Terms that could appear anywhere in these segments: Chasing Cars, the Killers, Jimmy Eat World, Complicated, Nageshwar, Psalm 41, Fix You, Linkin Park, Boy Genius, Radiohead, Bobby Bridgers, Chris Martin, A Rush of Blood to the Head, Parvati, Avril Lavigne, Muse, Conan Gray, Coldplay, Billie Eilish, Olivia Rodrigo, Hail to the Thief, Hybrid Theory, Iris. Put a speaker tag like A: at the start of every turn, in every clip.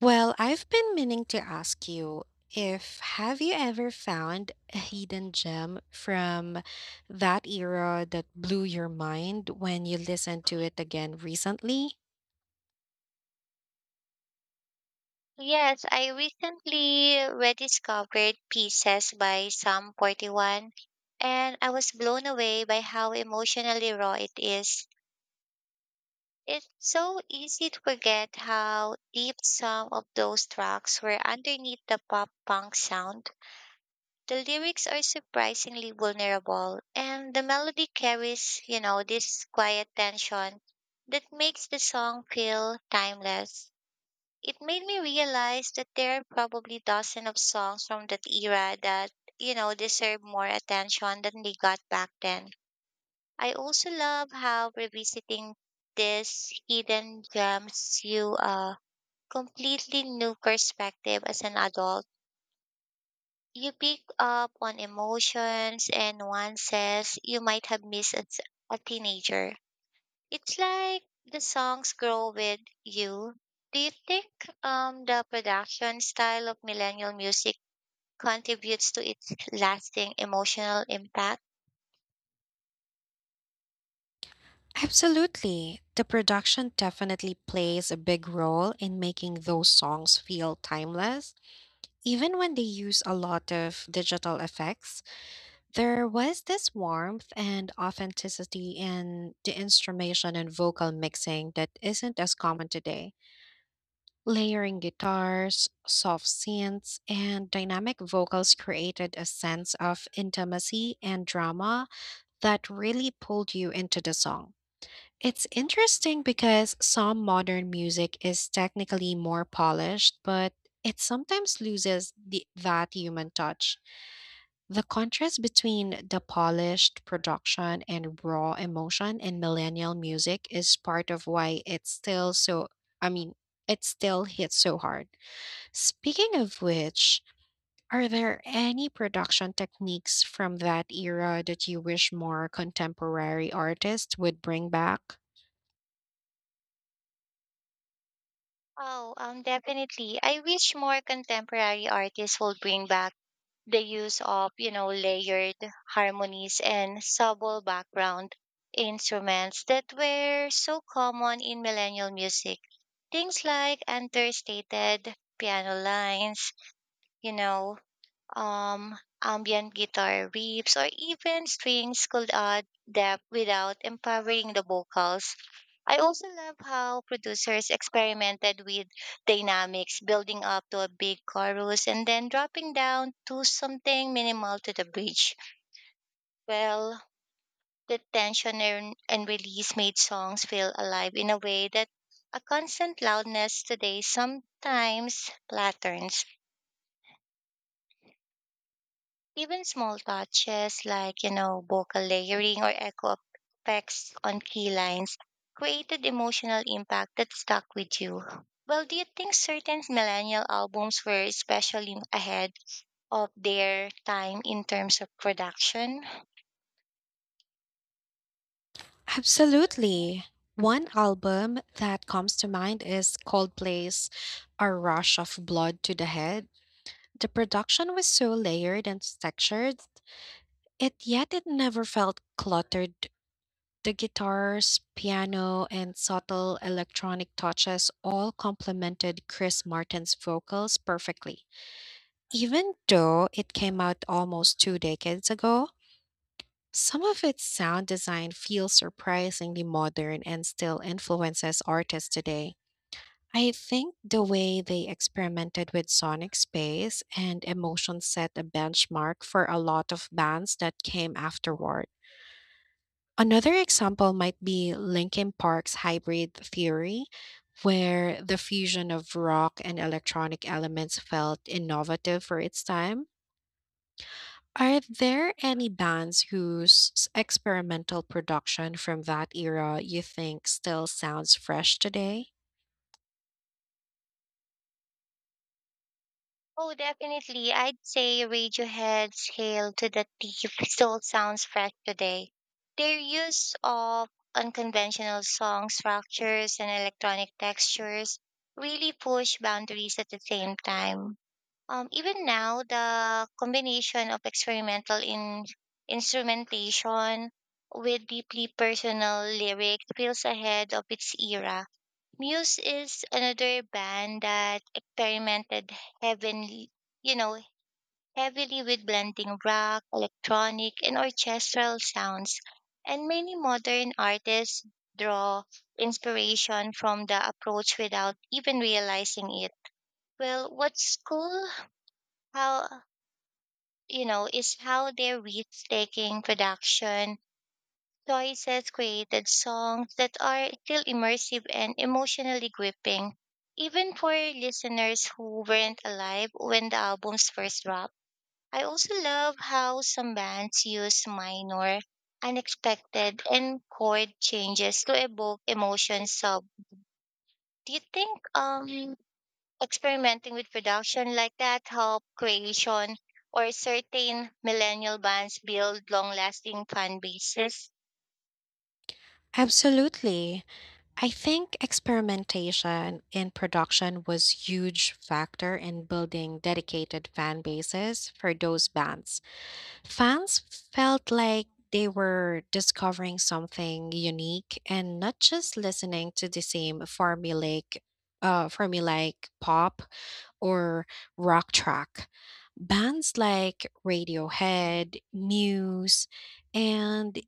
A: Well, I've been meaning to ask you if have you ever found a hidden gem from that era that blew your mind when you listened to it again recently?
B: Yes, I recently rediscovered Pieces by Psalm 41, and I was blown away by how emotionally raw it is. It's so easy to forget how deep some of those tracks were underneath the pop punk sound. The lyrics are surprisingly vulnerable, and the melody carries, this quiet tension that makes the song feel timeless. It made me realize that there are probably dozens of songs from that era that, you know, deserve more attention than they got back then. I also love how revisiting these hidden gems you a completely new perspective as an adult. You pick up on emotions and nuances you might have missed as a teenager. It's like the songs grow with you. Do you think the production style of millennial music contributes to its lasting emotional impact?
A: Absolutely. The production definitely plays a big role in making those songs feel timeless. Even when they use a lot of digital effects, there was this warmth and authenticity in the instrumentation and vocal mixing that isn't as common today. Layering guitars, soft synths, and dynamic vocals created a sense of intimacy and drama that really pulled you into the song. It's interesting because some modern music is technically more polished, but it sometimes loses that human touch. The contrast between the polished production and raw emotion in millennial music is part of why it's still so, I mean, it still hits so hard. Speaking of which, are there any production techniques from that era that you wish more contemporary artists would bring back?
B: Oh, definitely. I wish more contemporary artists would bring back the use of, layered harmonies and subtle background instruments that were so common in millennial music. Things like understated piano lines, you know, ambient guitar riffs, or even strings could add depth without empowering the vocals. I also love how producers experimented with dynamics, building up to a big chorus and then dropping down to something minimal to the bridge. Well, the tension and release made songs feel alive in a way that a constant loudness today sometimes flatters. Even small touches like, vocal layering or echo effects on key lines created emotional impact that stuck with you. Well, do you think certain millennial albums were especially ahead of their time in terms of production?
A: Absolutely. One album that comes to mind is Coldplay's A Rush of Blood to the Head. The production was so layered and textured, it yet it never felt cluttered. The guitars, piano, and subtle electronic touches all complemented Chris Martin's vocals perfectly. Even though it came out almost two decades ago, some of its sound design feels surprisingly modern and still influences artists today. I think the way they experimented with sonic space and emotion set a benchmark for a lot of bands that came afterward. Another example might be Linkin Park's Hybrid Theory, where the fusion of rock and electronic elements felt innovative for its time. Are there any bands whose experimental production from that era you think still sounds fresh today?
B: Oh, definitely. I'd say Radiohead's Hail to the Thief still sounds fresh today. Their use of unconventional song structures and electronic textures really push boundaries at the same time. Even now, the combination of experimental instrumentation with deeply personal lyrics feels ahead of its era. Muse is another band that experimented heavenly, you know, heavily with blending rock, electronic, and orchestral sounds. And many modern artists draw inspiration from the approach without even realizing it. Well, what's cool, how is how their risk-taking production Joyce has created songs that are still immersive and emotionally gripping, even for listeners who weren't alive when the albums first dropped. I also love how some bands use minor, unexpected, and chord changes to evoke emotions. So, do you think experimenting with production like that help creation or certain millennial bands build long-lasting fan bases?
A: Absolutely. I think experimentation in production was huge factor in building dedicated fan bases for those bands. Fans felt like they were discovering something unique and not just listening to the same formulaic formulaic pop or rock track. Bands like Radiohead, Muse, and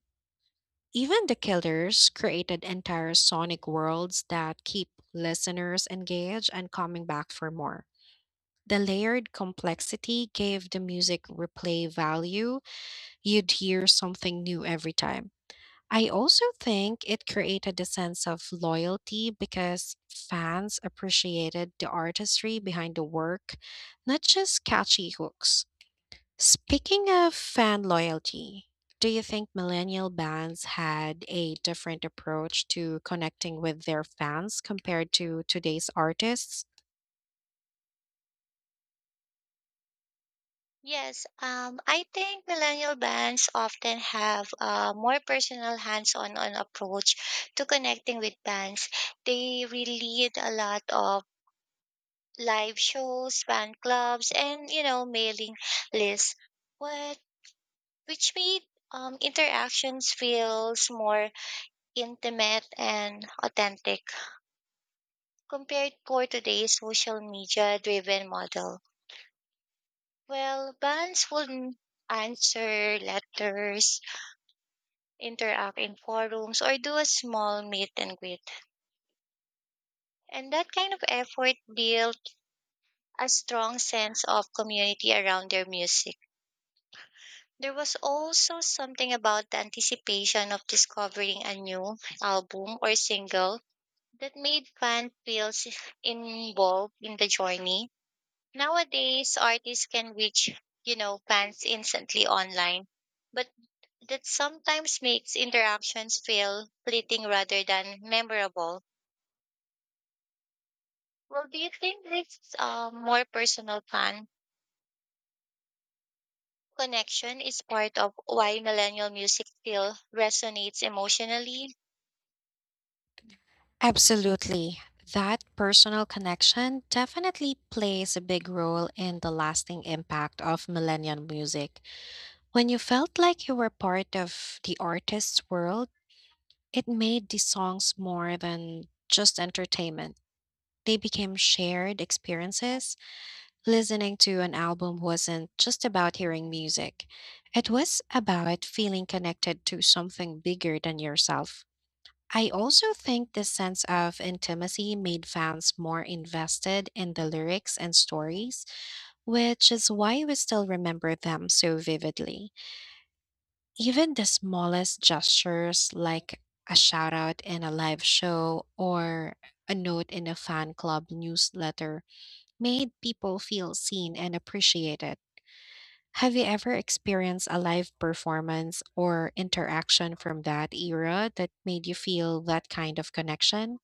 A: even the Killers created entire sonic worlds that keep listeners engaged and coming back for more. The layered complexity gave the music replay value. You'd hear something new every time. I also think it created a sense of loyalty because fans appreciated the artistry behind the work, not just catchy hooks. Speaking of fan loyalty, do you think millennial bands had a different approach to connecting with their fans compared to today's artists?
B: Yes, I think millennial bands often have a more personal hands-on on approach to connecting with bands. They really lead a lot of live shows, fan clubs, and mailing lists. What which made interactions feels more intimate and authentic compared for today's social media driven model. Well, bands would answer letters, interact in forums, or do a small meet and greet. And that kind of effort built a strong sense of community around their music. There was also something about the anticipation of discovering a new album or single that made fans feel involved in the journey. Nowadays, artists can reach, fans instantly online, but that sometimes makes interactions feel fleeting rather than memorable. Well, do you think this more personal fan connection is part of why millennial music still resonates emotionally?
A: Absolutely. That personal connection definitely plays a big role in the lasting impact of millennial music. When you felt like you were part of the artist's world, it made the songs more than just entertainment. They became shared experiences. Listening to an album wasn't just about hearing music, it was about feeling connected to something bigger than yourself. I also think this sense of intimacy made fans more invested in the lyrics and stories, which is why we still remember them so vividly. Even the smallest gestures, like a shout out in a live show or a note in a fan club newsletter, made people feel seen and appreciated. Have you ever experienced a live performance or interaction from that era that made you feel that kind of connection?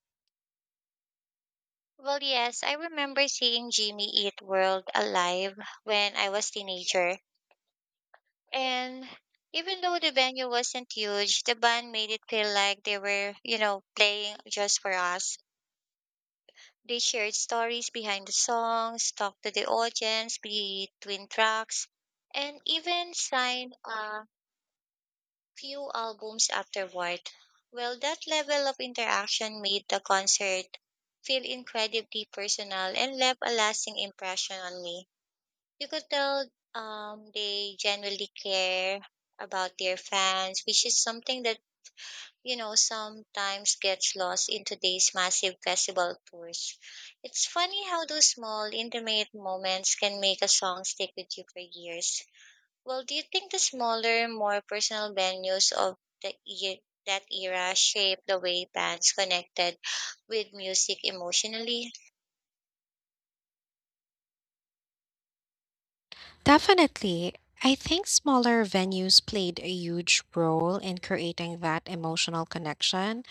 B: Well, yes, I remember seeing Jimmy Eat World alive when I was teenager. And even though the venue wasn't huge, the band made it feel like they were, playing just for us. They shared stories behind the songs, talked to the audience between tracks, and even signed few albums afterward. Well, that level of interaction made the concert feel incredibly personal and left a lasting impression on me. You could tell they genuinely care about their fans, which is something that, you know, sometimes gets lost in today's massive festival tours. It's funny how those small, intimate moments can make a song stick with you for years. Well, do you think the smaller, more personal venues of that era shaped the way bands connected with music emotionally?
A: Definitely. I think smaller venues played a huge role in creating that emotional connection.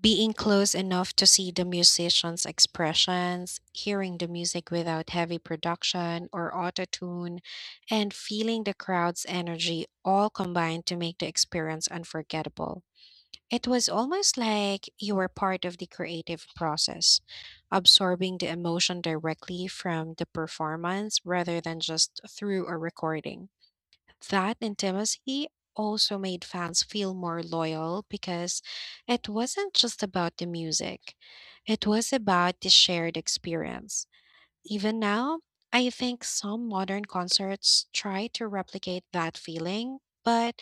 A: Being close enough to see the musicians' expressions, hearing the music without heavy production or auto tune, and feeling the crowd's energy all combined to make the experience unforgettable. It was almost like you were part of the creative process, absorbing the emotion directly from the performance rather than just through a recording. That intimacy also made fans feel more loyal because it wasn't just about the music, it was about the shared experience. Even now, I think some modern concerts try to replicate that feeling, but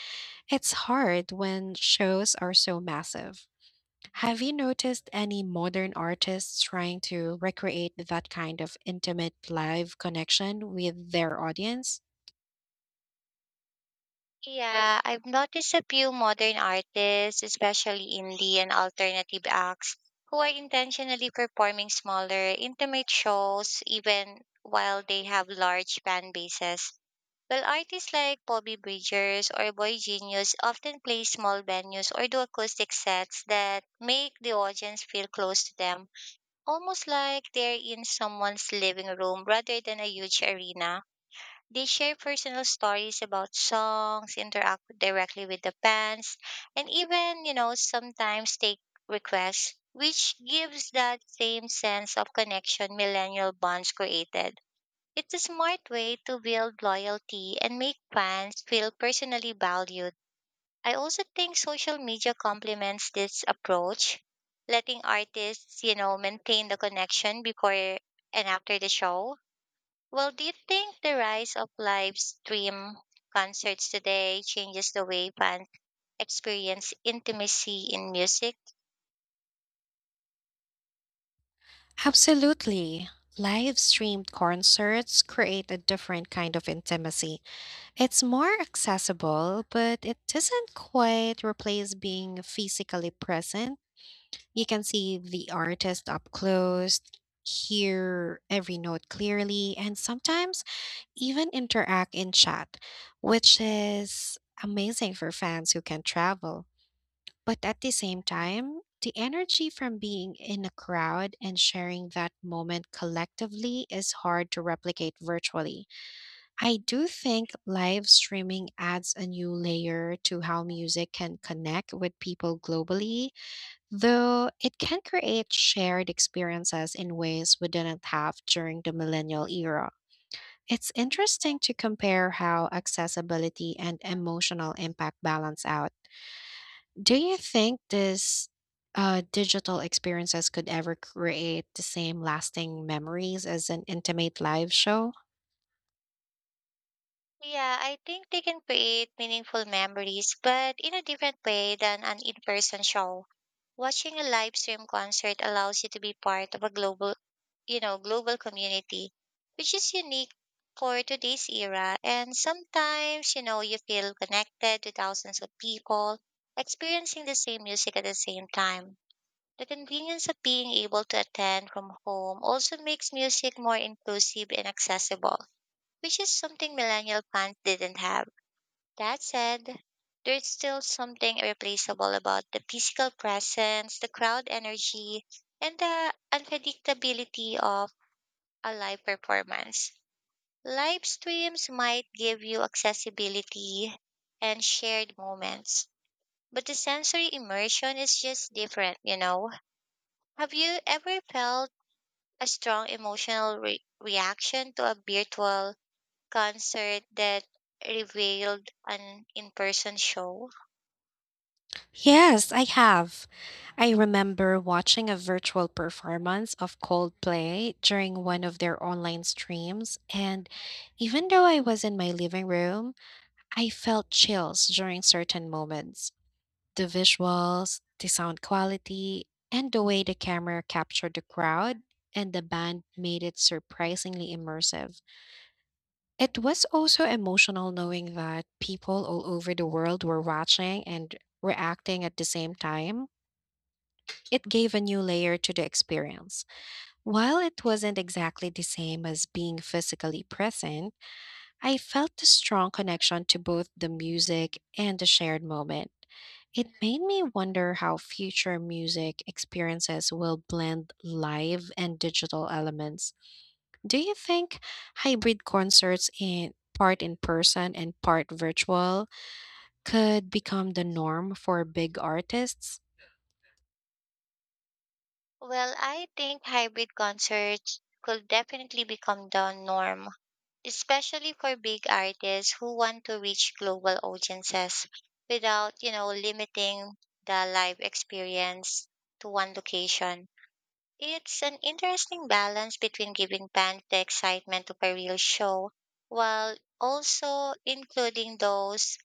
A: it's hard when shows are so massive. Have you noticed any modern artists trying to recreate that kind of intimate live connection with their audience?
B: Yeah, I've noticed a few modern artists, especially indie and alternative acts, who are intentionally performing smaller, intimate shows even while they have large fan bases. While artists like Bobby Bridgers or Boy Genius often play small venues or do acoustic sets that make the audience feel close to them, almost like they're in someone's living room rather than a huge arena. They share personal stories about songs, interact directly with the fans, and even, sometimes take requests, which gives that same sense of connection millennial bonds created. It's a smart way to build loyalty and make fans feel personally valued. I also think social media complements this approach, letting artists, maintain the connection before and after the show. Well, do you think the rise of live stream concerts today changes the way fans experience intimacy in music?
A: Absolutely. Live streamed concerts create a different kind of intimacy. It's more accessible, but it doesn't quite replace being physically present. You can see the artist up close, hear every note clearly, and sometimes even interact in chat, which is amazing for fans who can travel. But at the same time, the energy from being in a crowd and sharing that moment collectively is hard to replicate virtually. I do think live streaming adds a new layer to how music can connect with people globally, though it can create shared experiences in ways we didn't have during the millennial era. It's interesting to compare how accessibility and emotional impact balance out. Do you think this digital experiences could ever create the same lasting memories as an intimate live show?
B: Yeah, I think they can create meaningful memories, but in a different way than an in person show. Watching a live stream concert allows you to be part of a global, global community, which is unique for today's era. And sometimes, you feel connected to thousands of people experiencing the same music at the same time. The convenience of being able to attend from home also makes music more inclusive and accessible, which is something millennial fans didn't have. That said, there's still something irreplaceable about the physical presence, the crowd energy, and the unpredictability of a live performance. Live streams might give you accessibility and shared moments, but the sensory immersion is just different, you know? Have you ever felt a strong emotional reaction to a virtual concert that revealed an in person show?
A: Yes, I have. I remember watching a virtual performance of Coldplay during one of their online streams, and even though I was in my living room, I felt chills during certain moments. The visuals, the sound quality, and the way the camera captured the crowd and the band made it surprisingly immersive. It was also emotional knowing that people all over the world were watching and reacting at the same time. It gave a new layer to the experience. While it wasn't exactly the same as being physically present, I felt a strong connection to both the music and the shared moment. It made me wonder how future music experiences will blend live and digital elements. Do you think hybrid concerts in part in person and part virtual could become the norm for big artists?
B: Well, I think hybrid concerts could definitely become the norm, especially for big artists who want to reach global audiences without, limiting the live experience to one location. It's an interesting balance between giving fans the excitement of a real show while also including those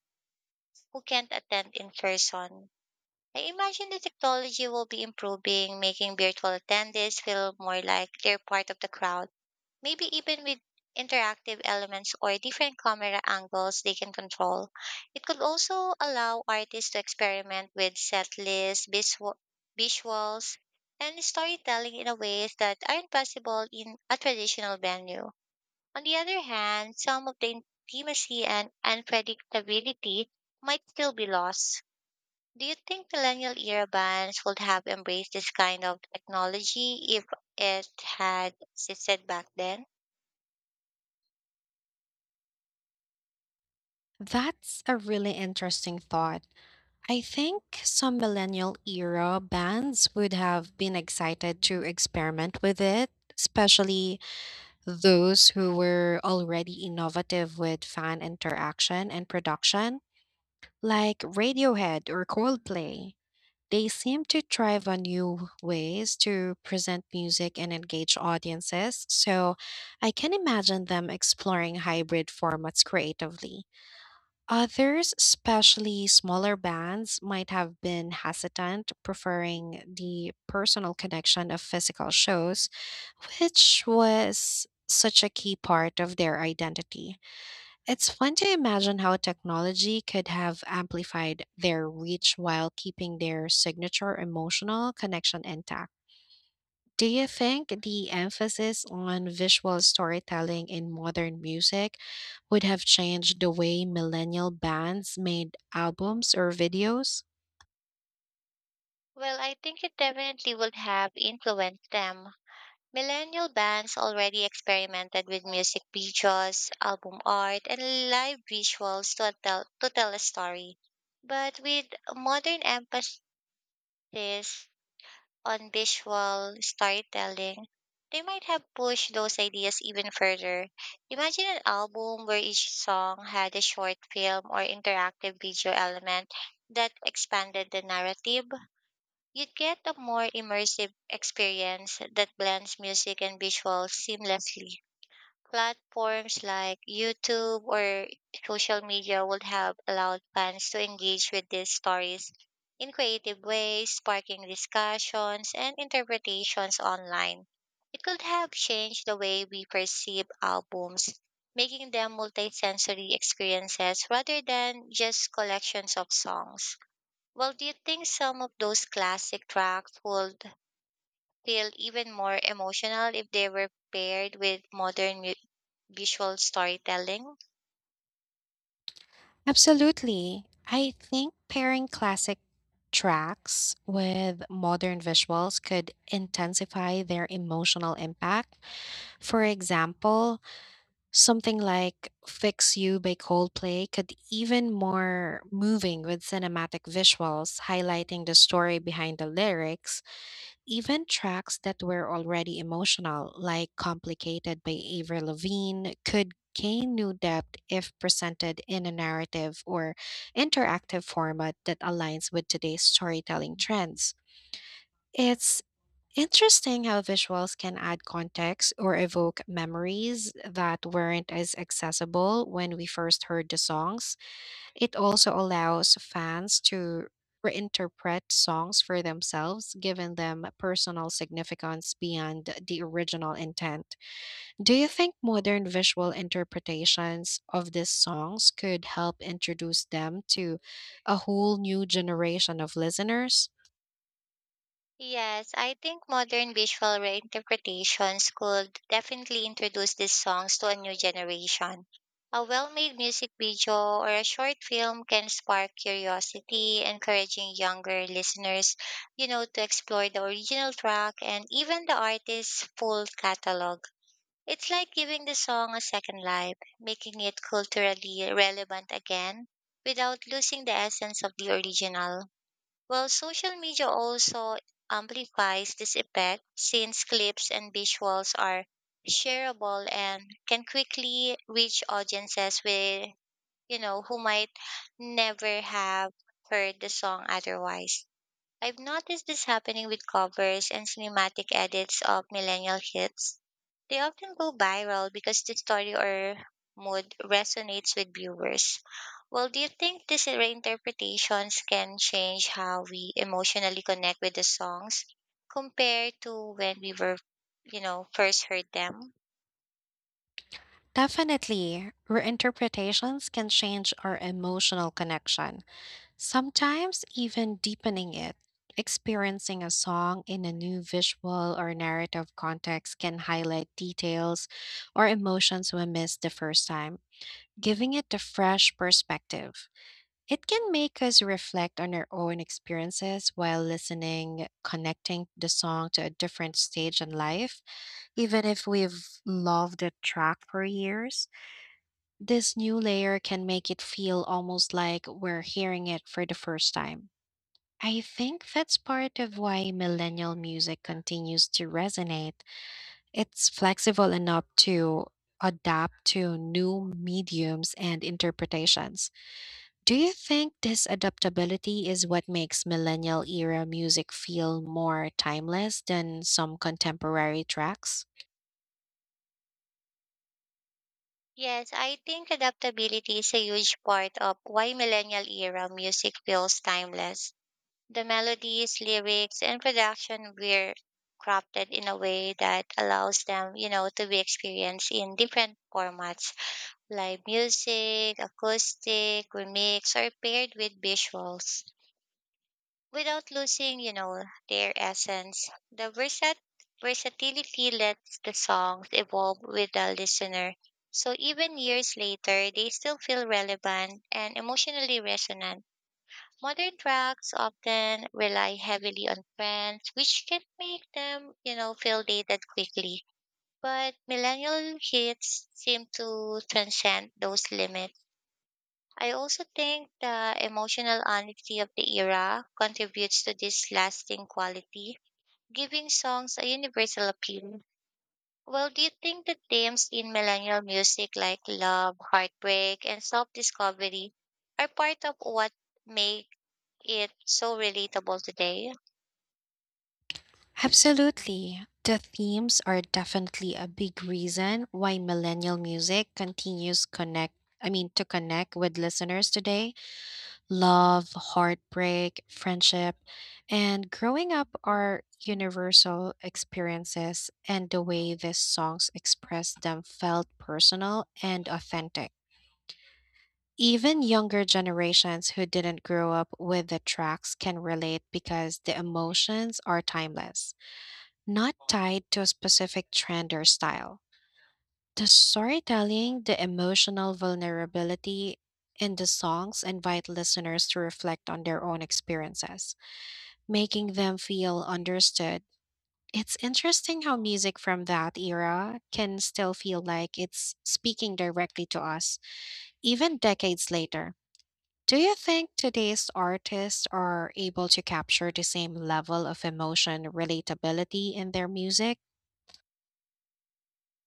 B: who can't attend in person. I imagine the technology will be improving, making virtual attendees feel more like they're part of the crowd. Maybe even with interactive elements or different camera angles they can control. It could also allow artists to experiment with set lists, visuals, and storytelling in a ways that aren't possible in a traditional venue. On the other hand, some of the intimacy and unpredictability might still be lost. Do you think millennial era bands would have embraced this kind of technology if it had existed back then?
A: That's a really interesting thought. I think some millennial era bands would have been excited to experiment with it, especially those who were already innovative with fan interaction and production, like Radiohead or Coldplay. They seem to thrive on new ways to present music and engage audiences, so I can imagine them exploring hybrid formats creatively. Others, especially smaller bands, might have been hesitant, preferring the personal connection of physical shows, which was such a key part of their identity. It's fun to imagine how technology could have amplified their reach while keeping their signature emotional connection intact. Do you think the emphasis on visual storytelling in modern music would have changed the way millennial bands made albums or videos?
B: Well, I think it definitely would have influenced them. Millennial bands already experimented with music videos, album art, and live visuals to tell a story. But with modern emphasis on visual storytelling, they might have pushed those ideas even further. Imagine an album where each song had a short film or interactive video element that expanded the narrative. You'd get a more immersive experience that blends music and visuals seamlessly. Platforms like YouTube or social media would have allowed fans to engage with these stories in creative ways, sparking discussions and interpretations online. It could have changed the way we perceive albums, making them multisensory experiences rather than just collections of songs. Well, do you think some of those classic tracks would feel even more emotional if they were paired with modern music, visual storytelling?
A: Absolutely. I think pairing classic tracks with modern visuals could intensify their emotional impact. For example, something like Fix You by Coldplay could even more moving with cinematic visuals highlighting the story behind the lyrics, even tracks that were already emotional like Complicated by Avril Lavigne could gain new depth if presented in a narrative or interactive format that aligns with today's storytelling trends. It's interesting how visuals can add context or evoke memories that weren't as accessible when we first heard the songs. It also allows fans to reinterpret songs for themselves, giving them personal significance beyond the original intent. Do you think modern visual interpretations of these songs could help introduce them to a whole new generation of listeners?
B: Yes, I think modern visual reinterpretations could definitely introduce these songs to a new generation. A well made music video or a short film can spark curiosity, encouraging younger listeners, to explore the original track and even the artist's full catalog. It's like giving the song a second life, making it culturally relevant again without losing the essence of the original. Well, social media also amplifies this effect since clips and visuals are shareable and can quickly reach audiences with, who might never have heard the song otherwise. I've noticed this happening with covers and cinematic edits of millennial hits. They often go viral because the story or mood resonates with viewers. Well, do you think these reinterpretations can change how we emotionally connect with the songs compared to when we were, first heard them?
A: Definitely, reinterpretations can change our emotional connection, sometimes even deepening it. Experiencing a song in a new visual or narrative context can highlight details or emotions we missed the first time, giving it a fresh perspective. It can make us reflect on our own experiences while listening, connecting the song to a different stage in life, even if we've loved the track for years. This new layer can make it feel almost like we're hearing it for the first time. I think that's part of why millennial music continues to resonate. It's flexible enough to adapt to new mediums and interpretations. Do you think this adaptability is what makes millennial era music feel more timeless than some contemporary tracks?
B: Yes, I think adaptability is a huge part of why millennial era music feels timeless. The melodies, lyrics, and production were crafted in a way that allows them, to be experienced in different formats, live music, acoustic, remix, or paired with visuals, without losing, their essence. The versatility lets the songs evolve with the listener. So even years later, they still feel relevant and emotionally resonant. Modern drugs often rely heavily on trends, which can make them, feel dated quickly. But millennial hits seem to transcend those limits. I also think the emotional honesty of the era contributes to this lasting quality, giving songs a universal appeal. Well, do you think the themes in millennial music like love, heartbreak, and self-discovery are part of what make it's so relatable today?
A: Absolutely. The themes are definitely a big reason why millennial music continues, connect I mean, to connect with listeners today. Love, heartbreak, friendship, and growing up are universal experiences and the way these songs express them felt personal and authentic. Even younger generations who didn't grow up with the tracks can relate because the emotions are timeless, not tied to a specific trend or style. The storytelling, the emotional vulnerability in the songs invite listeners to reflect on their own experiences, making them feel understood. It's interesting how music from that era can still feel like it's speaking directly to us, even decades later. Do you think today's artists are able to capture the same level of emotion relatability in their music?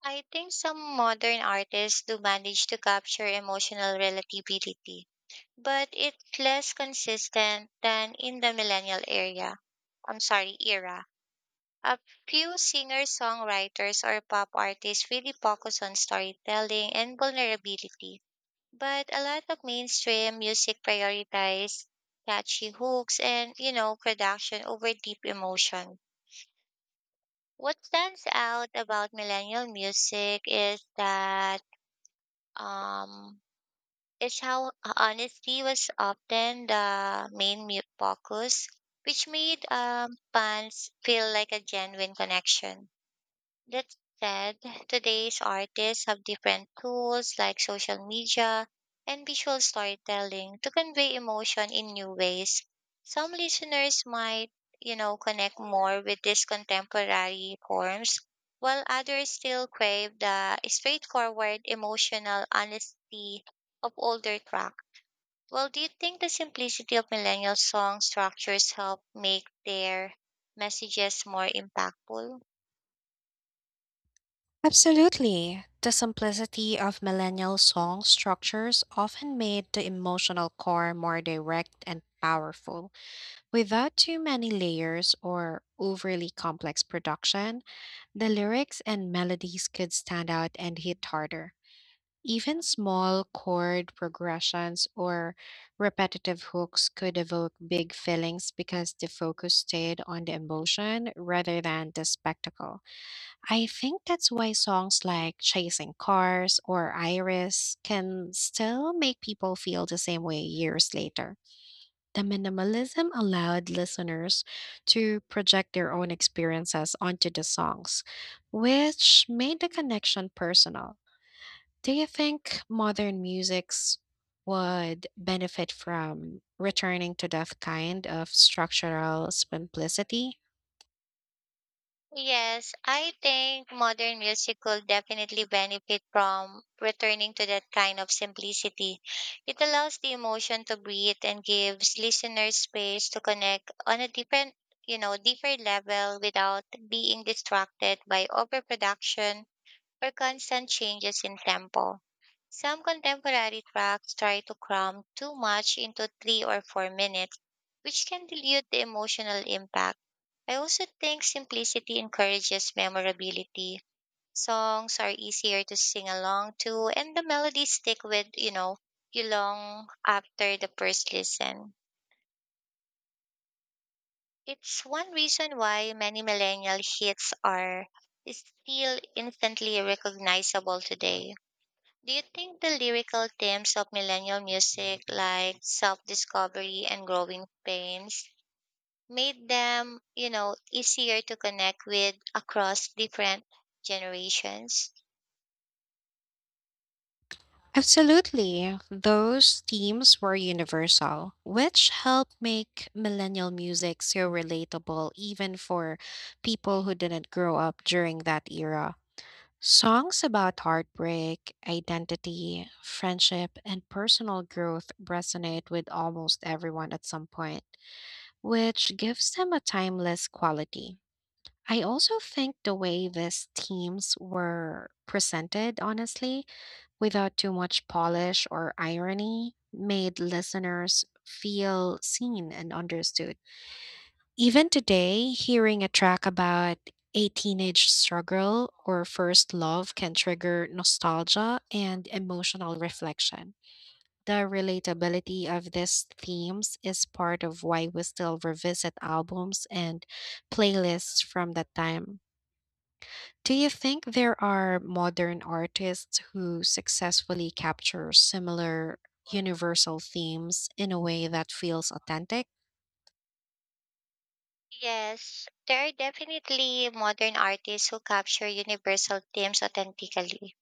B: I think some modern artists do manage to capture emotional relativity, but it's less consistent than in the millennial area. I'm sorry, era. A few singer-songwriters or pop artists really focus on storytelling and vulnerability, but a lot of mainstream music prioritize catchy hooks and, production over deep emotion. What stands out about millennial music is that um, is how honesty was often the main focus, which made fans feel like a genuine connection. That said, today's artists have different tools like social media and visual storytelling to convey emotion in new ways. Some listeners might, connect more with these contemporary forms, while others still crave the straightforward emotional honesty of older tracks. Well, do you think the simplicity of millennial song structures help make their messages more impactful?
A: Absolutely. The simplicity of millennial song structures often made the emotional core more direct and powerful. Without too many layers or overly complex production, the lyrics and melodies could stand out and hit harder. Even small chord progressions or repetitive hooks could evoke big feelings because the focus stayed on the emotion rather than the spectacle. I think that's why songs like Chasing Cars or Iris can still make people feel the same way years later. The minimalism allowed listeners to project their own experiences onto the songs, which made the connection personal. Do you think modern musics would benefit from returning to that kind of structural simplicity?
B: Yes, I think modern music will definitely benefit from returning to that kind of simplicity. It allows the emotion to breathe and gives listeners space to connect on a different level without being distracted by overproduction or constant changes in tempo. Some contemporary tracks try to cram too much into 3 or 4 minutes, which can dilute the emotional impact. I also think simplicity encourages memorability. Songs are easier to sing along to, and the melodies stick with, you long after the first listen. It's one reason why many millennial hits are still instantly recognizable today. Do you think the lyrical themes of millennial music, like self discovery and growing pains, made them, easier to connect with across different generations?
A: Absolutely. Those themes were universal, which helped make millennial music so relatable even for people who didn't grow up during that era. Songs about heartbreak, identity, friendship, and personal growth resonate with almost everyone at some point, which gives them a timeless quality. I also think the way these themes were presented, honestly, without too much polish or irony, made listeners feel seen and understood. Even today, hearing a track about a teenage struggle or first love can trigger nostalgia and emotional reflection. The relatability of these themes is part of why we still revisit albums and playlists from that time. Do you think there are modern artists who successfully capture similar universal themes in a way that feels authentic?
B: Yes, there are definitely modern artists who capture universal themes authentically,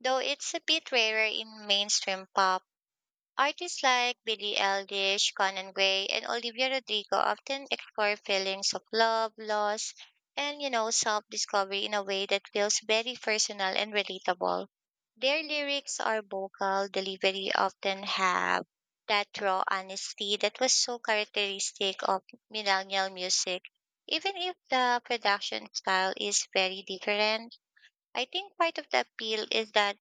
B: though it's a bit rarer in mainstream pop. Artists like Billie Eilish, Conan Gray, and Olivia Rodrigo often explore feelings of love, loss, and self-discovery in a way that feels very personal and relatable. Their lyrics are vocal delivery often have that raw honesty that was so characteristic of millennial music. Even if the production style is very different, I think part of the appeal is that